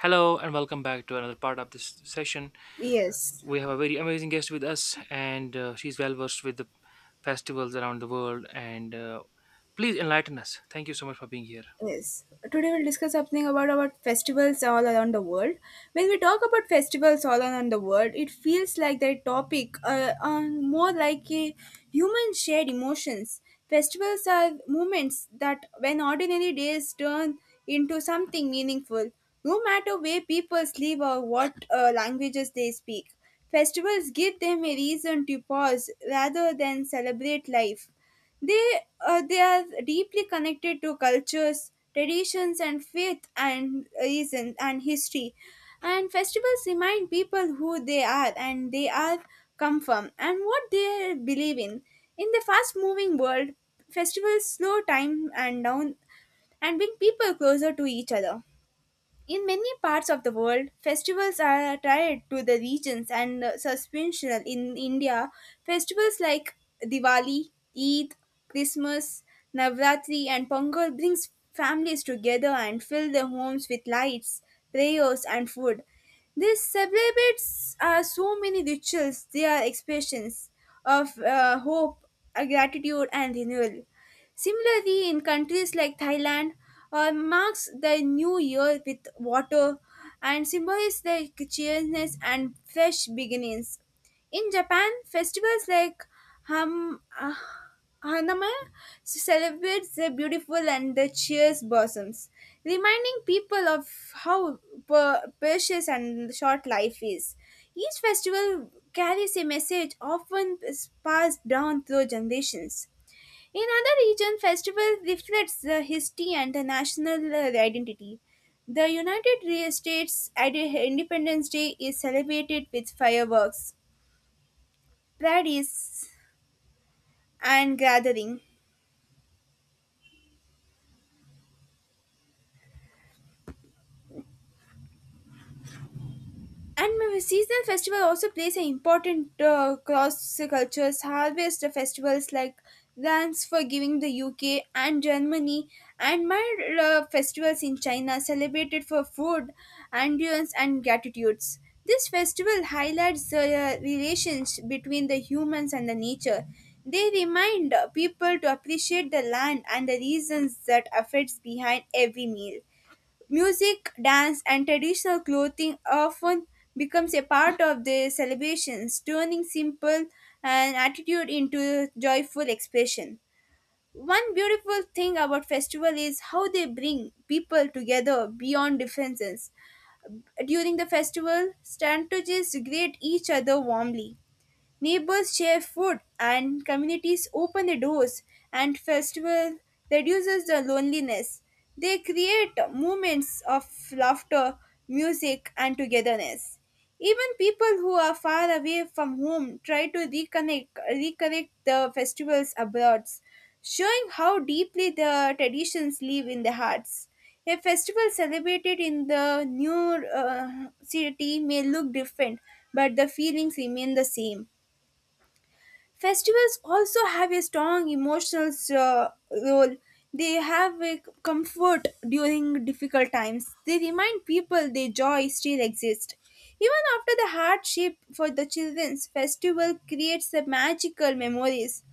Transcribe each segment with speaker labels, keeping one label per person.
Speaker 1: Hello and welcome back to another part of this session.
Speaker 2: Yes,
Speaker 1: We have a very amazing guest with us, and she's well versed with the festivals around the world. And please enlighten us. Thank you so much for being here.
Speaker 2: yes. Today we'll discuss something about festivals all around the world. When we talk about festivals all around the world, it feels like that topic more like a human shared emotions. Festivals are moments that when ordinary days turn into something meaningful, no matter where people live or what languages they speak. Festivals give them a reason to pause rather than celebrate life. They they are deeply connected to cultures, traditions, and faith and reason and history. And festivals remind people who they are and they are come from and what they believe in. In the fast-moving world, festivals slow time and down and bring people closer to each other. In many parts of the world, festivals are tied to the regions and substantial. In India, festivals like Diwali, Eid, Christmas, Navratri, and Pongal brings families together and fill their homes with lights, prayers, and food. These celebrates are so many rituals. They are expressions of hope, gratitude, and renewal. Similarly, in countries like Thailand, marks the new year with water and symbolizes like cheerfulness and fresh beginnings. In Japan, festivals like Ham, uh, Hanami celebrates the beautiful and the cheer's blossoms, reminding people of how precious and short life is. Each festival carries a message often passed down through generations. In other region, festival reflects the history and the national identity. The States Independence Day is celebrated with fireworks, parades, and gathering. And my seasonal festival also plays an important cross cultures. Harvest festivals like Dance for Giving the UK and Germany, and my festivals in China celebrated for food, endurance, and gratitudes. This festival highlights the relations between the humans and the nature. They remind people to appreciate the land and the reasons that affects behind every meal. Music, dance, and traditional clothing often becomes a part of the celebrations, turning simple an attitude into joyful expression. One beautiful thing about festival is how they bring people together beyond differences. During the festival, strategists greet each other warmly. Neighbors share food and communities open the doors and festival reduces the loneliness. They create moments of laughter, music and togetherness. Even people who are far away from home try to reconnect the festivals abroad, showing how deeply the traditions live in the hearts. A festival celebrated in the new city may look different, but the feelings remain the same. Festivals also have a strong emotional role. They have a comfort during difficult times. They remind people their joy still exists. Even after the hardship for the children's festival creates the magical memories.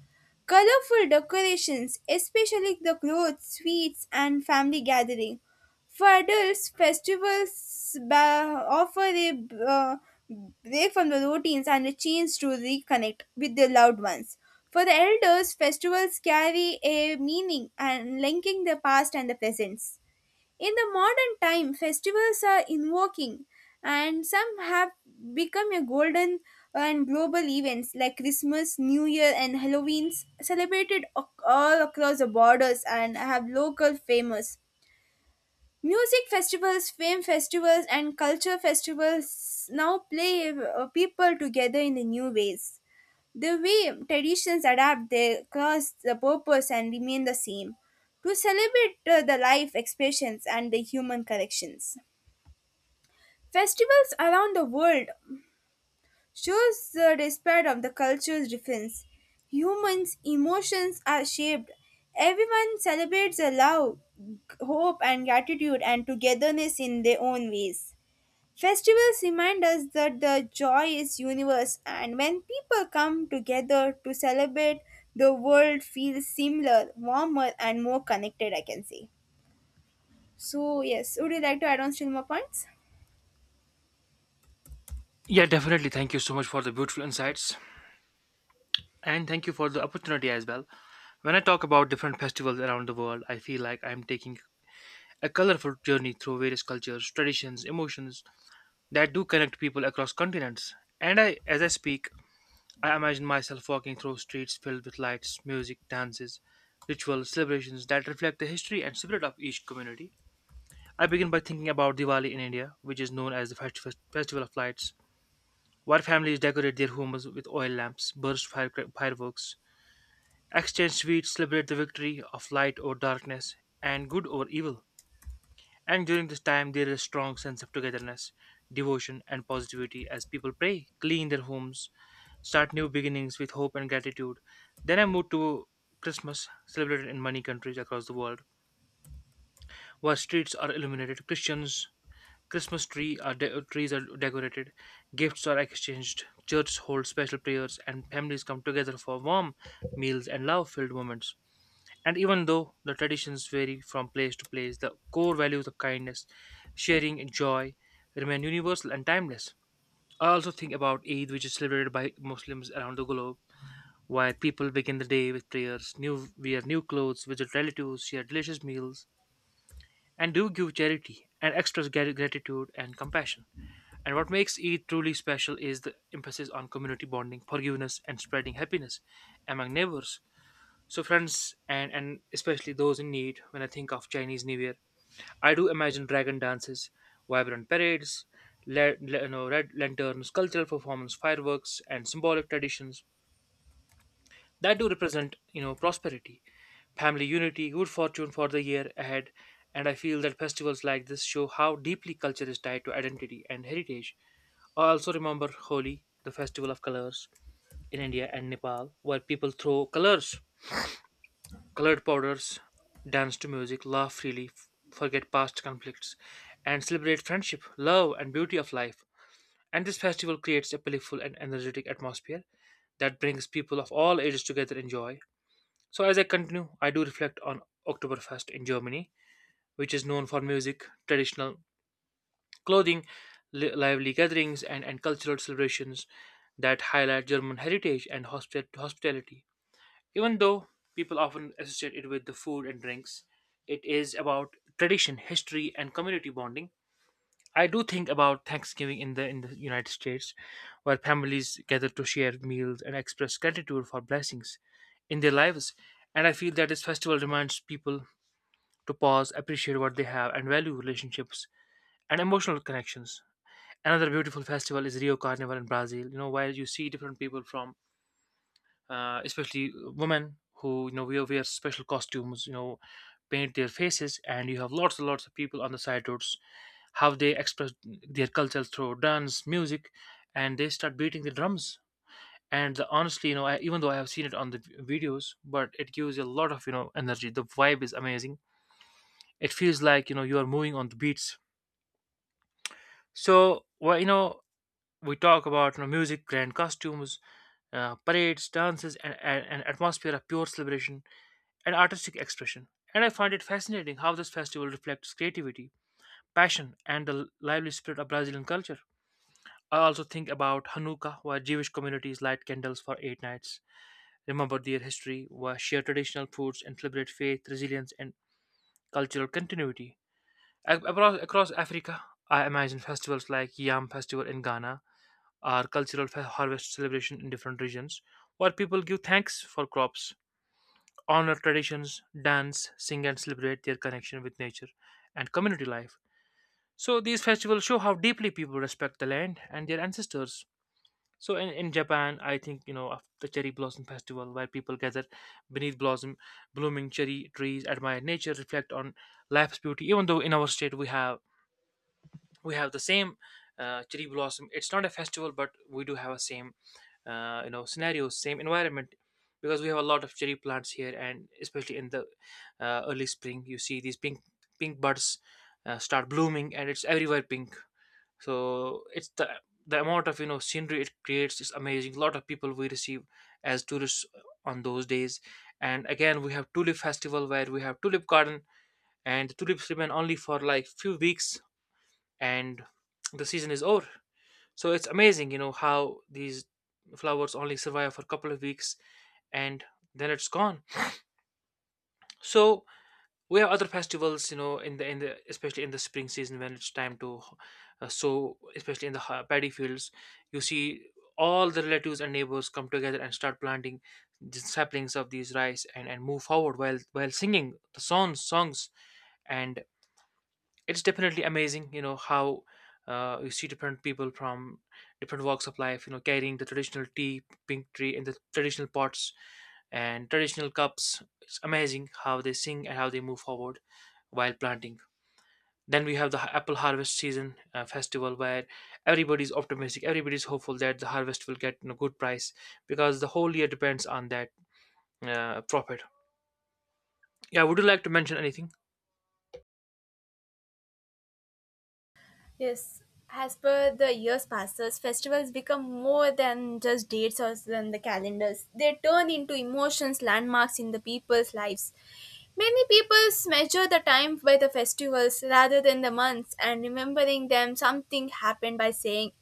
Speaker 2: Colorful decorations, especially the clothes, sweets, and family gathering, for adults, offer a break from the routines and a chance to reconnect with their loved ones. For the elders, festivals carry a meaning and linking the past and the present. In the modern time, festivals are invoking and some have become a golden and global events like Christmas, New Year and Halloween celebrated all across the borders and have local famous music festivals, film festivals, and culture festivals now play people together in the new ways. The way traditions adapt, they cause, the purpose, and remain the same to celebrate the life expressions and the human connections. Festivals around the world shows the despair of the culture's difference. Humans' emotions are shaped. Everyone celebrates the love, hope, and gratitude and togetherness in their own ways. Festivals remind us that the joy is universe and when people come together to celebrate the world feels similar, warmer and more connected, I can say. So yes, would you like to add on still more points?
Speaker 1: Yeah, definitely. Thank you so much for the beautiful insights, and thank you for the opportunity as well. When I talk about different festivals around the world, I feel like I'm taking a colorful journey through various cultures, traditions, emotions that do connect people across continents. And I, as I speak, I imagine myself walking through streets filled with lights, music, dances, rituals, celebrations that reflect the history and spirit of each community. I begin by thinking about Diwali in India, which is known as the Festival of Lights, where families decorate their homes with oil lamps, burst fireworks, exchange sweets, celebrate the victory of light over darkness, and good over evil. And during this time, there is a strong sense of togetherness, devotion, and positivity as people pray, clean their homes, start new beginnings with hope and gratitude. Then I moved to Christmas, celebrated in many countries across the world, where streets are illuminated, Christians Christmas tree are de- trees are decorated, gifts are exchanged, churches hold special prayers, and families come together for warm meals and love-filled moments. And even though the traditions vary from place to place, the core values of kindness, sharing, and joy remain universal and timeless. I also think about Eid, which is celebrated by Muslims around the globe while people begin the day with prayers, new clothes, visit relatives, share delicious meals, and do give charity and express gratitude and compassion. And what makes Eid truly special is the emphasis on community bonding, forgiveness, and spreading happiness among neighbors. So, friends, and especially those in need, when I think of Chinese New Year, I do imagine dragon dances, vibrant parades, you know, red lanterns, cultural performance, fireworks, and symbolic traditions that do represent, you know, prosperity, family unity, good fortune for the year ahead. And I feel that festivals like this show how deeply culture is tied to identity and heritage. I also remember Holi, the festival of colors in India and Nepal, where people throw colors colored powders, dance to music, laugh freely, forget past conflicts, and celebrate friendship, love, and beauty of life. And this festival creates a playful and energetic atmosphere that brings people of all ages together in joy. So, as I continue, I do reflect on Oktoberfest in Germany, which is known for music, traditional clothing, lively gatherings, and cultural celebrations that highlight German heritage and hospitality. Even though people often associate it with the food and drinks, it is about tradition, history, and community bonding. I do think about Thanksgiving in the United States, where families gather to share meals and express gratitude for blessings in their lives. And I feel that this festival reminds people to pause, appreciate what they have, and value relationships and emotional connections. Another beautiful festival is Rio Carnival in Brazil. You know, where you see different people from, especially women who, you know, wear special costumes. You know, paint their faces, and you have lots and lots of people on the side roads how they express their culture through dance, music, and they start beating the drums. And the, honestly, you know, I, even though I have seen it on the videos, but it gives you a lot of, you know, energy. The vibe is amazing. It feels like, you know, you are moving on the beats. So well, you know, we talk about, you know, music, grand costumes, parades, dances, and an atmosphere of pure celebration and artistic expression. And I find it fascinating how this festival reflects creativity, passion, and the lively spirit of Brazilian culture. I also think about Hanukkah, where Jewish communities light candles for eight nights, remember their history, where share traditional foods, and celebrate faith, resilience, and cultural continuity. Across, across Africa, I imagine festivals like Yam Festival in Ghana or cultural harvest celebration in different regions, where people give thanks for crops, honor traditions, dance, sing, and celebrate their connection with nature and community life. So these festivals show how deeply people respect the land and their ancestors. So in Japan, I think, you know, of the cherry blossom festival where people gather beneath blossom blooming cherry trees, admire nature, reflect on life's beauty. Even though in our state we have the same cherry blossom, it's not a festival, but we do have a same, you know, scenario, same environment because we have a lot of cherry plants here, and especially in the early spring, you see these pink buds start blooming, and it's everywhere pink. So it's the amount of, you know, scenery it creates is amazing. A lot of people we receive as tourists on those days. And again, we have tulip festival where we have tulip garden, and the tulips remain only for like few weeks, and the season is over. So it's amazing, you know, how these flowers only survive for a couple of weeks, and then it's gone. So we have other festivals, you know, in the especially in the spring season when it's time to sow, especially in the paddy fields, you see all the relatives and neighbors come together and start planting the saplings of these rice, and move forward while singing the songs. And it's definitely amazing, you know, how you see different people from different walks of life, you know, carrying the traditional tea pink tree in the traditional pots and traditional cups. It's amazing how they sing and how they move forward while planting. Then we have the apple harvest season festival where everybody's optimistic, everybody's hopeful that the harvest will get a good price because the whole year depends on that profit. Yeah, would you like to mention anything?
Speaker 2: Yes, as per the years passes, festivals become more than just dates or than the calendars. They turn into emotions, landmarks in the people's lives. Many people measure the time by the festivals rather than the months and remembering them something happened by saying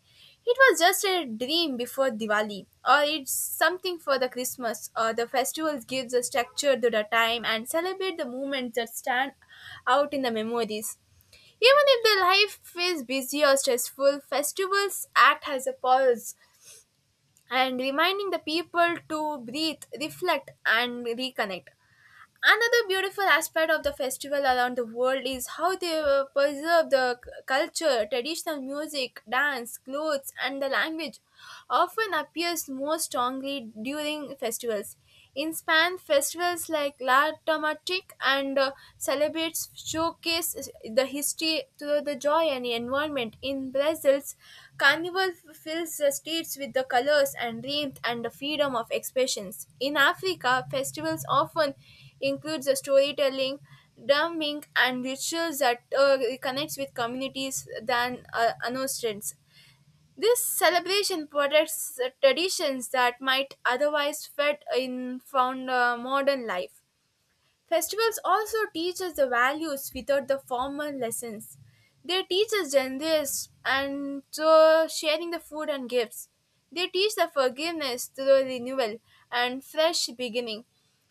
Speaker 2: it was just a dream before Diwali or it's something for the Christmas or the festivals gives a structure to the time and celebrate the moments that stand out in the memories. Even if the life is busy or stressful, festivals act as a pause and reminding the people to breathe, reflect and reconnect. Another beautiful aspect of the festival around the world is how they preserve the culture, traditional music, dance, clothes, and the language often appears more strongly during festivals. In Spain, festivals like La Tomatic and celebrates showcase the history through the joy and environment. In Brazil's Carnival fills the streets with the colors and warmth and the freedom of expressions. In Africa, festivals often includes the storytelling, drumming, and rituals that connects with communities than annostrans. This celebration protects the traditions that might otherwise fit in found modern life. Festivals also teach us the values without the formal lessons. They teach us generous and so sharing the food and gifts. They teach the forgiveness through renewal and fresh beginning.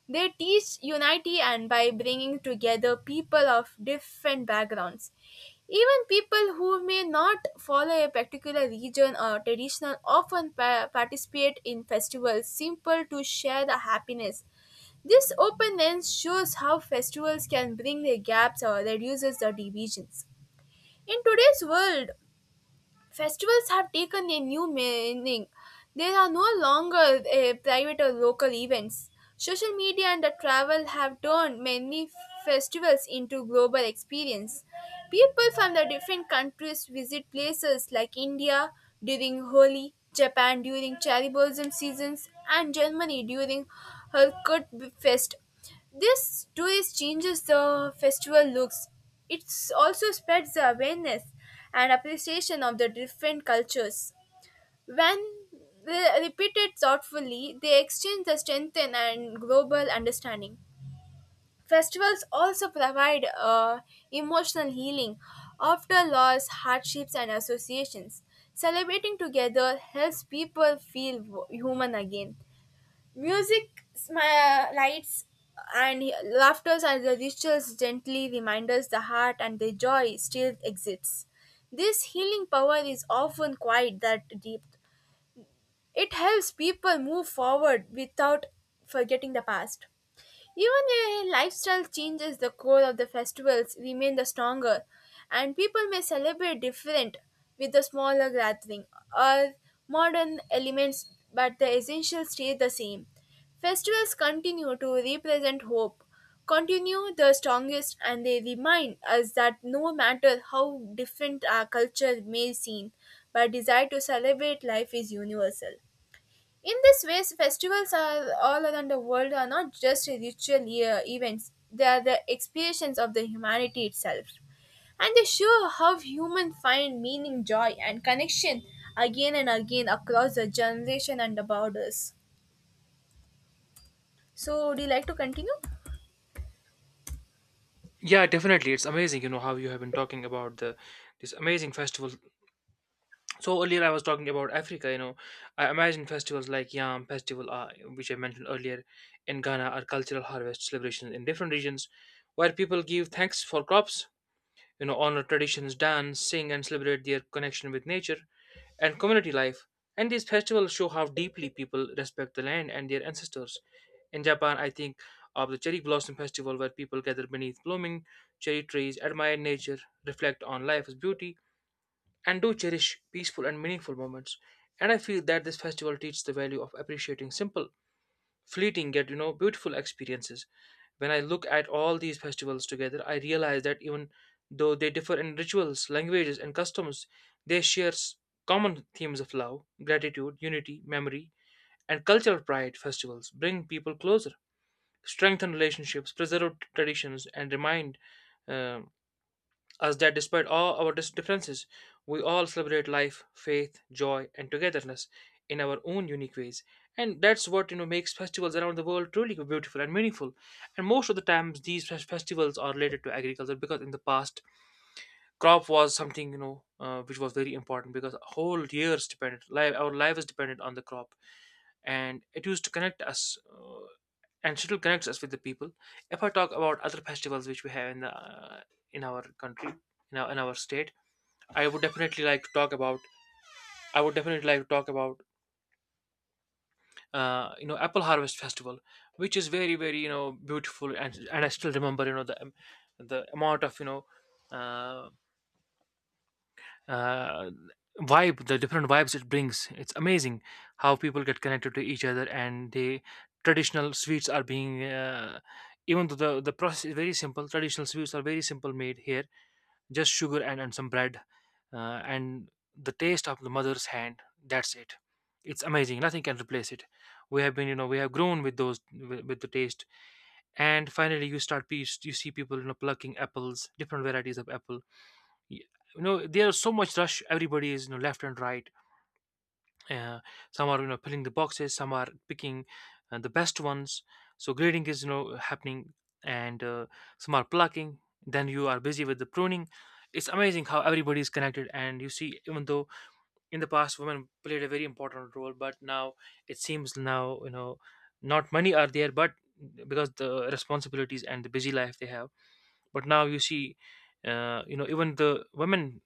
Speaker 2: They teach unity and by bringing together people of different backgrounds. Even people who may not follow a particular religion or tradition often participate in festivals simple to share the happiness. This openness shows how festivals can bring the gaps or reduces the divisions. In today's world, festivals have taken a new meaning. They are no longer private or local events. Social media and the travel have turned many festivals into global experience. People from the different countries visit places like India during Holi, Japan during cherry blossom seasons, and Germany during Herkut Fest. This twist changes the festival looks. It also spreads the awareness and appreciation of the different cultures. When they repeated thoughtfully, they exchange the strengthen and global understanding. Festivals also provide emotional healing after loss, hardships, and associations. Celebrating together helps people feel human again. Music, lights, and laughters are the rituals gently reminders the heart and the joy still exists. This healing power is often quite that deep. It helps people move forward without forgetting the past. Even a lifestyle changes, the core of the festivals remain the stronger, and people may celebrate different with a smaller gathering or modern elements, but the essentials stay the same. Festivals continue to represent hope, continue the strongest, and they remind us that no matter how different our culture may seem, our desire to celebrate life is universal. In this way, festivals are all around the world are not just ritual events; they are the expressions of the humanity itself, and they show how humans find meaning, joy, and connection again and again across the generation and the borders. So, would you like to continue?
Speaker 1: Yeah, definitely. It's amazing, you know, how you have been talking about the this amazing festival. So earlier I was talking about Africa, you know. I imagine festivals like Yam Festival, which I mentioned earlier, in Ghana are cultural harvest celebrations in different regions where people give thanks for crops, you know, honor traditions, dance, sing, and celebrate their connection with nature and community life. And these festivals show how deeply people respect the land and their ancestors. In Japan, I think of the Cherry Blossom Festival, where people gather beneath blooming cherry trees, admire nature, reflect on life's beauty, and do cherish peaceful and meaningful moments. And I feel that this festival teaches the value of appreciating simple fleeting yet, you know, beautiful experiences. When I look at all these festivals together, I realize that even though they differ in rituals, languages, and customs, they share common themes of love, gratitude, unity, memory, and cultural pride. Festivals bring people closer, strengthen relationships, preserve traditions, and remind um, us that despite all our differences, we all celebrate life, faith, joy, and togetherness in our own unique ways. And that's what, you know, makes festivals around the world truly beautiful and meaningful. And most of the times, these festivals are related to agriculture because in the past, crop was something, you know, which was very important because whole years depended. Life, our life is dependent on the crop, and it used to connect us and still connects us with the people. If I talk about other festivals which we have in the, in our country, in our state, i would definitely like to talk about I would definitely like to talk about, you know, apple harvest festival, which is very very, you know, beautiful. And I still remember, you know, the amount of, you know, uh, uh, vibe, the different vibes it brings. It's amazing how people get connected to each other, and the traditional sweets are being, even though the process is very simple, traditional sweets are very simple made here, just sugar and some bread, and the taste of the mother's hand. That's it. It's amazing. Nothing can replace it. We have been, you know, we have grown with those, with the taste. And finally, you start, you see people, plucking apples, different varieties of apple y- there's so much rush. Everybody is, left and right. uh, some are, filling the boxes. Some are picking the best ones. So grading is, happening. And some are plucking. Then you are busy with the pruning. It's amazing how everybody is connected. And you see, even though in the past women played a very important role, but now it seems now, not many are there, but because the responsibilities and the busy life they have. But now you see, even the women,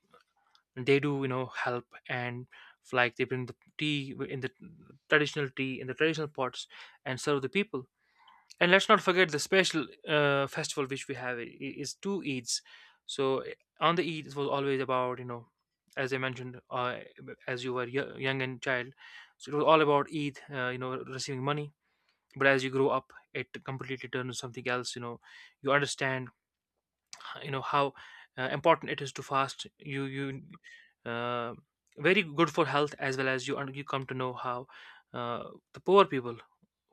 Speaker 1: they do, help. And like they bring the tea in the traditional tea in the traditional pots and serve the people. And let's not forget the special festival which we have is two Eids. So on the Eid it was always about, as I mentioned, as you were young and child, so it was all about Eid, receiving money. But as you grow up it completely turns something else, you understand, how important it is to fast. You you uh, very good for health as well. As you, and you come to know how uh, the poor people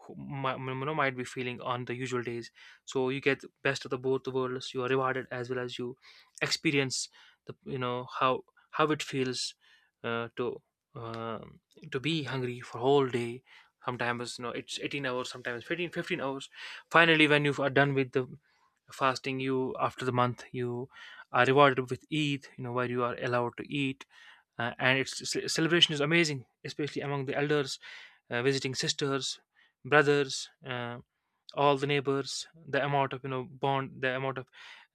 Speaker 1: who might, might be feeling on the usual days. So you get best of the both the worlds. You are rewarded as well as you experience the you know how it feels, uh, to um to be hungry for whole day. Sometimes, it's 18 hours, sometimes 15 15 hours. Finally when you are done with the fasting, you, after the month, you are rewarded with Eid, where you are allowed to eat. And its celebration is amazing, especially among the elders, visiting sisters, brothers, all the neighbors. The amount of, bond, the amount of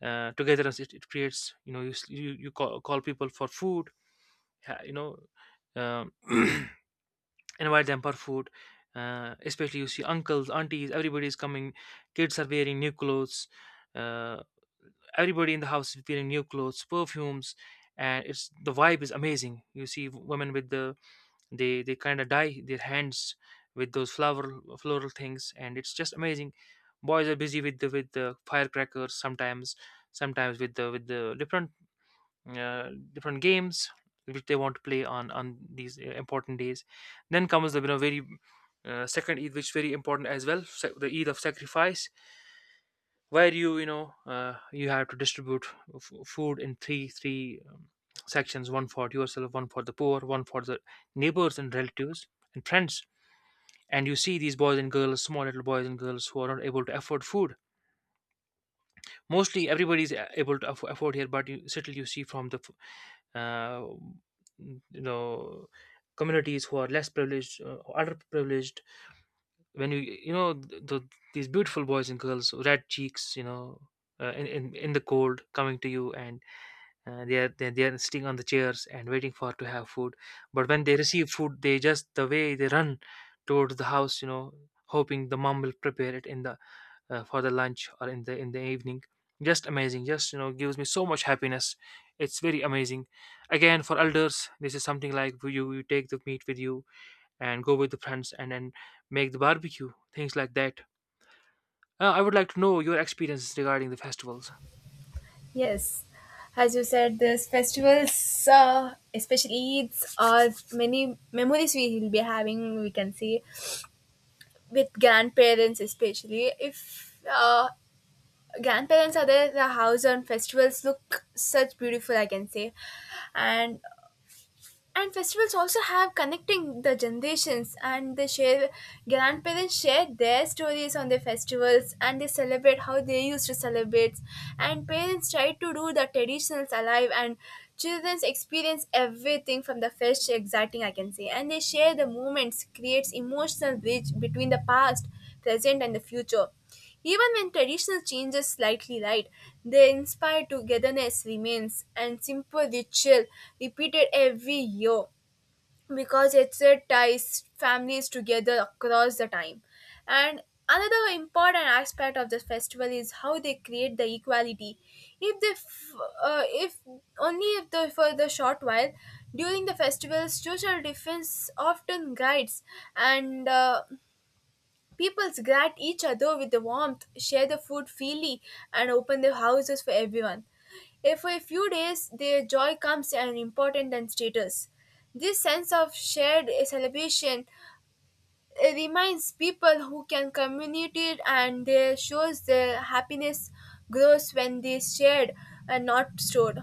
Speaker 1: togetherness it, it creates, you you, you call people for food. ha- you know um, Invite them for food. Especially you see uncles, aunties, everybody is coming. Kids are wearing new clothes. Uh, Everybody in the house is wearing new clothes, perfumes. And it's, the vibe is amazing. You see women with the, they kind of dye their hands with those flower floral things, and it's just amazing. Boys are busy with the firecrackers sometimes, sometimes with the different, different games which they want to play on these important days. Then comes the, very second Eid, which is very important as well, the Eid of sacrifice, where you know you have to distribute food in three sections: one for yourself, one for the poor, one for the neighbors and relatives and friends. And you see these boys and girls, small little boys and girls who are not able to afford food. Mostly everybody is able to afford here, but you certainly you see from the uh, you know communities who are less privileged, underprivileged. When you know these beautiful boys and girls, red cheeks, in the cold, coming to you. And they are, they are sitting on the chairs and waiting for to have food. But when they receive food, they, just the way they run towards the house, hoping the mom will prepare it in the, for the lunch, or in the, in the evening. Just amazing. Just, gives me so much happiness. It's very amazing. Again for elders, this is something like you take the meat with you and go with the friends, and then make the barbecue, things like that. I would like to know your experiences regarding the festivals.
Speaker 2: Yes, as you said, these festivals, especially Eids, are many memories we will be having. We can see with grandparents, especially if uh, grandparents are there the house on festivals look such beautiful, I can say. and and festivals also have connecting the generations and they share grandparents share their stories on their festivals and they celebrate how they used to celebrate and parents try to do the traditions alive and children's experience everything from the first exciting, I can say, and they share the moments creates emotional bridge between the past present and the future even when traditional changes slightly light, the inspired togetherness remains and simple ritual repeated every year because it's a ties families together across the time. And another important aspect of the festival is how they create the equality. If they, f- if only if the for the short while during the festival, social difference often guides and. People greet each other with the warmth, share the food freely, and open their houses for everyone. If for a few days, their joy comes an important than status. This sense of shared celebration reminds people who can communicate and they shows their happiness grows when they shared and not stored.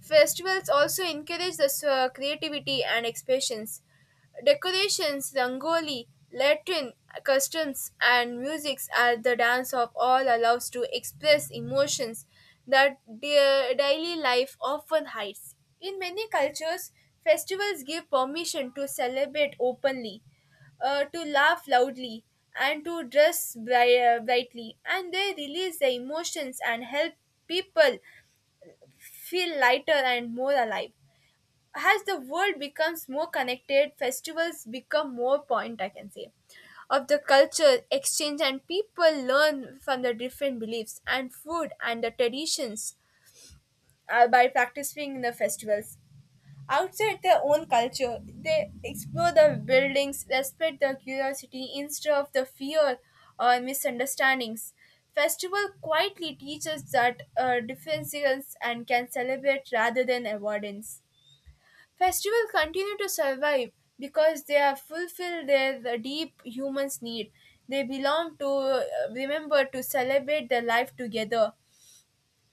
Speaker 2: Festivals also encourage the creativity and expressions. Decorations, rangoli, Latin customs, and musics are the dance of all allows to express emotions that their daily life often hides. In many cultures, festivals give permission to celebrate openly, to laugh loudly, and to dress brightly, and they release the emotions and help people feel lighter and more alive. As the world becomes more connected, festivals become more point, I can say, of the culture exchange, and people learn from the different beliefs and food and the traditions by practicing the festivals outside their own culture. They explore the buildings, respect their curiosity instead of the fear or misunderstandings. Festival quietly teaches that differences and can celebrate rather than avoidance. Festival continue to survive because they have fulfilled their the deep humans need. They belong to remember to celebrate their life together.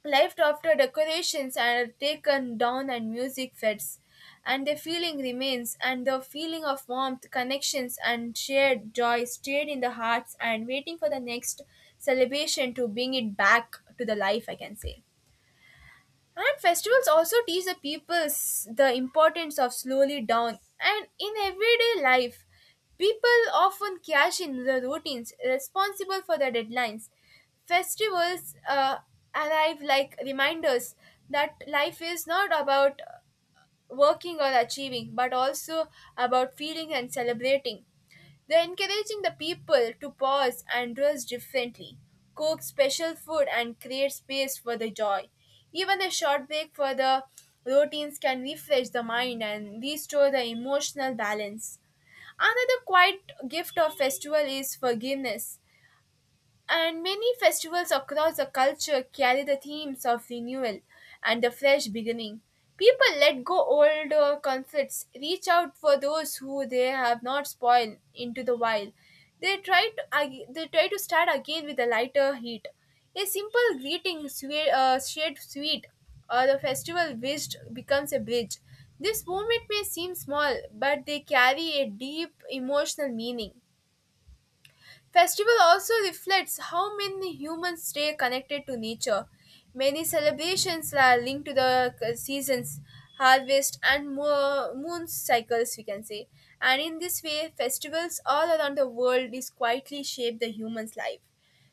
Speaker 2: Left after decorations are taken down and music fades, and the feeling remains, and the feeling of warmth, connections, and shared joy stayed in the hearts and waiting for the next celebration to bring it back to the life, I can say. And festivals also teach the people the importance of slowly down. And in everyday life, people often cash in the routines responsible for the deadlines. Festivals arrive like reminders that life is not about working or achieving, but also about feeling and celebrating. They're encouraging the people to pause and dress differently, cook special food, and create space for the joy. Even a short break for the routines can refresh the mind and restore the emotional balance. Another quiet gift of festival is forgiveness. And many festivals across the culture carry the themes of renewal and a fresh beginning. People let go old conflicts, reach out for those who they have not spoiled into the wild. They try to start again with a lighter heat. A simple greeting, sweet, shared sweet, or the festival wished becomes a bridge. This moment may seem small, but they carry a deep emotional meaning. Festival also reflects how many humans stay connected to nature. Many celebrations are linked to the seasons, harvest, and moon cycles, we can say. And in this way, festivals all around the world is quietly shape the human's life.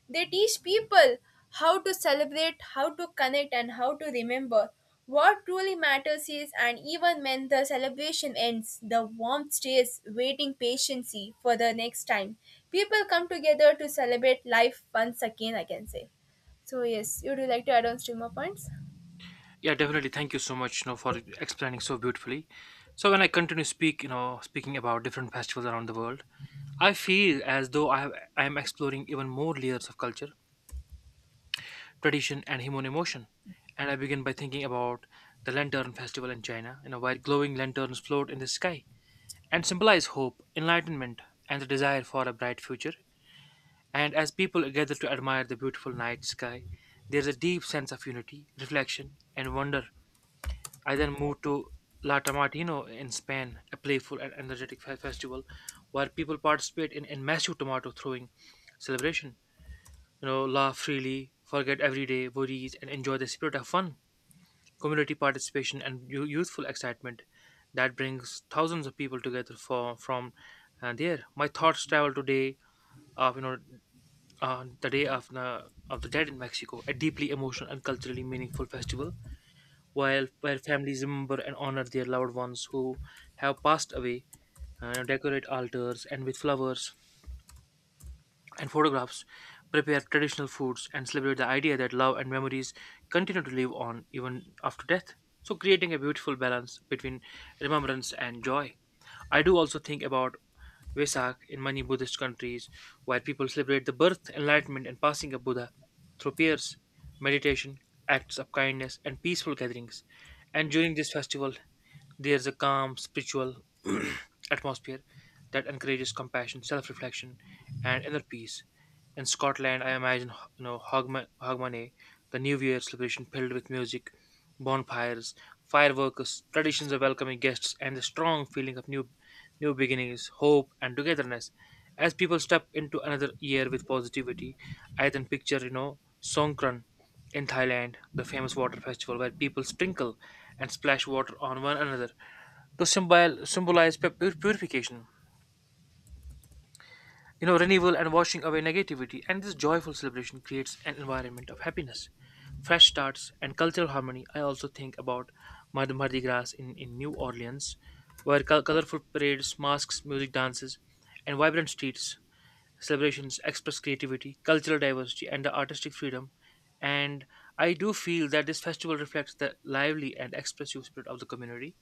Speaker 2: They teach people how to celebrate, how to connect, and how to remember. What truly matters is, and even when the celebration ends, the warmth stays, waiting patiently for the next time. People come together to celebrate life once again, I can say. So, yes, would you like to add on stream more points?
Speaker 1: Yeah, definitely. Thank you so much, for explaining so beautifully. So when I continue speaking about different festivals around the world, I feel as though I am exploring even more layers of culture, tradition, and human emotion. And I begin by thinking about the Lantern Festival in China, where glowing lanterns float in the sky and symbolize hope, enlightenment, and the desire for a bright future. And as people gather to admire the beautiful night sky, there's a deep sense of unity, reflection, and wonder. I then moved to La Tomatina in Spain, a playful and energetic festival where people participate in massive tomato throwing celebration. You know, laugh freely, forget everyday worries, and enjoy the spirit of fun, community participation, and youthful excitement that brings thousands of people together from there. My thoughts travel today of you know on the Day of the Dead in Mexico, a deeply emotional and culturally meaningful festival, while where families remember and honor their loved ones who have passed away, decorate altars and with flowers and photographs, prepare traditional foods, and celebrate the idea that love and memories continue to live on even after death. So, creating a beautiful balance between remembrance and joy. I do also think about Vesak in many Buddhist countries, where people celebrate the birth, enlightenment, and passing of Buddha through prayers, meditation, acts of kindness, and peaceful gatherings. And during this festival, there's a calm spiritual atmosphere that encourages compassion, self-reflection, and inner peace. In Scotland, I imagine, Hogmanay, Hogmanay, the New Year celebration filled with music, bonfires, fireworks, traditions of welcoming guests, and the strong feeling of new beginnings, hope, and togetherness. As people step into another year with positivity, I then picture, Songkran in Thailand, the famous water festival where people sprinkle and splash water on one another to symbolize purification, renewal, and washing away negativity. And this joyful celebration creates an environment of happiness, fresh starts, and cultural harmony. I also think about Mardi Gras in New Orleans, where colorful parades, masks, music, dances, and vibrant streets celebrations express creativity, cultural diversity, and the artistic freedom. And I do feel that this festival reflects the lively and expressive spirit of the community.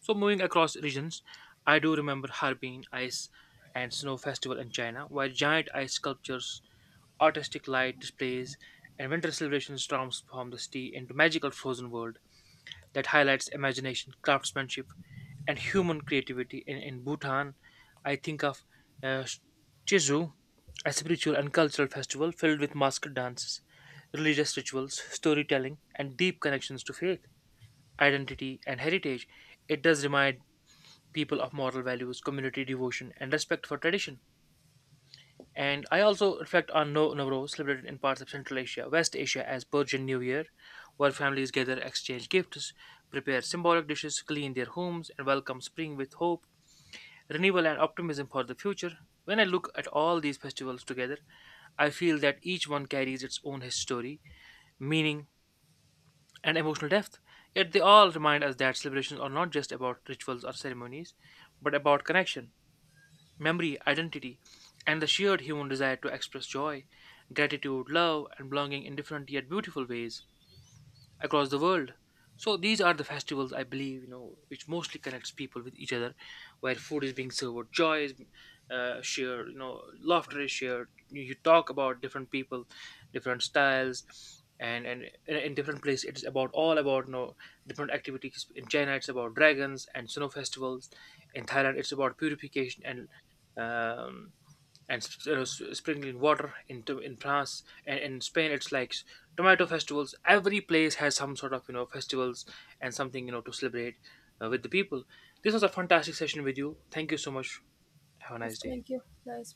Speaker 1: So moving across regions, I do remember Harbin Ice and Snow Festival in China, where giant ice sculptures, artistic light displays, and winter celebrations transform the city into magical frozen world that highlights imagination, craftsmanship, and human creativity. In Bhutan, I think of uh, Jeju, a spiritual and cultural festival filled with masked dances, religious rituals, storytelling, and deep connections to faith, identity, and heritage. It does remind people of moral values, community devotion, and respect for tradition. And I also reflect on No Nowruz, celebrated in parts of Central Asia, West Asia as Persian New Year, where families gather, exchange gifts, prepare symbolic dishes, clean their homes, and welcome spring with hope, renewal, and optimism for the future. When I look at all these festivals together, I feel that each one carries its own history, meaning, and emotional depth. Yet they all remind us that celebrations are not just about rituals or ceremonies, but about connection, memory, identity, and the sheer human desire to express joy, gratitude, love, and belonging in different yet beautiful ways across the world. So these are the festivals, I believe, which mostly connects people with each other, where food is being served, joy is shared, laughter is shared. You talk about different people, different styles, and in different places it's about, all about, different activities. In China it's about dragons and snow festivals. In Thailand it's about purification and, um, and uh, sprinkling water. Into, in France and in Spain, it's like tomato festivals. Every place has some sort of, festivals and something, to celebrate with the people. This was a fantastic session with you. Thank you so much. Have a
Speaker 2: Yes,
Speaker 1: nice day.
Speaker 2: thank you. Nice.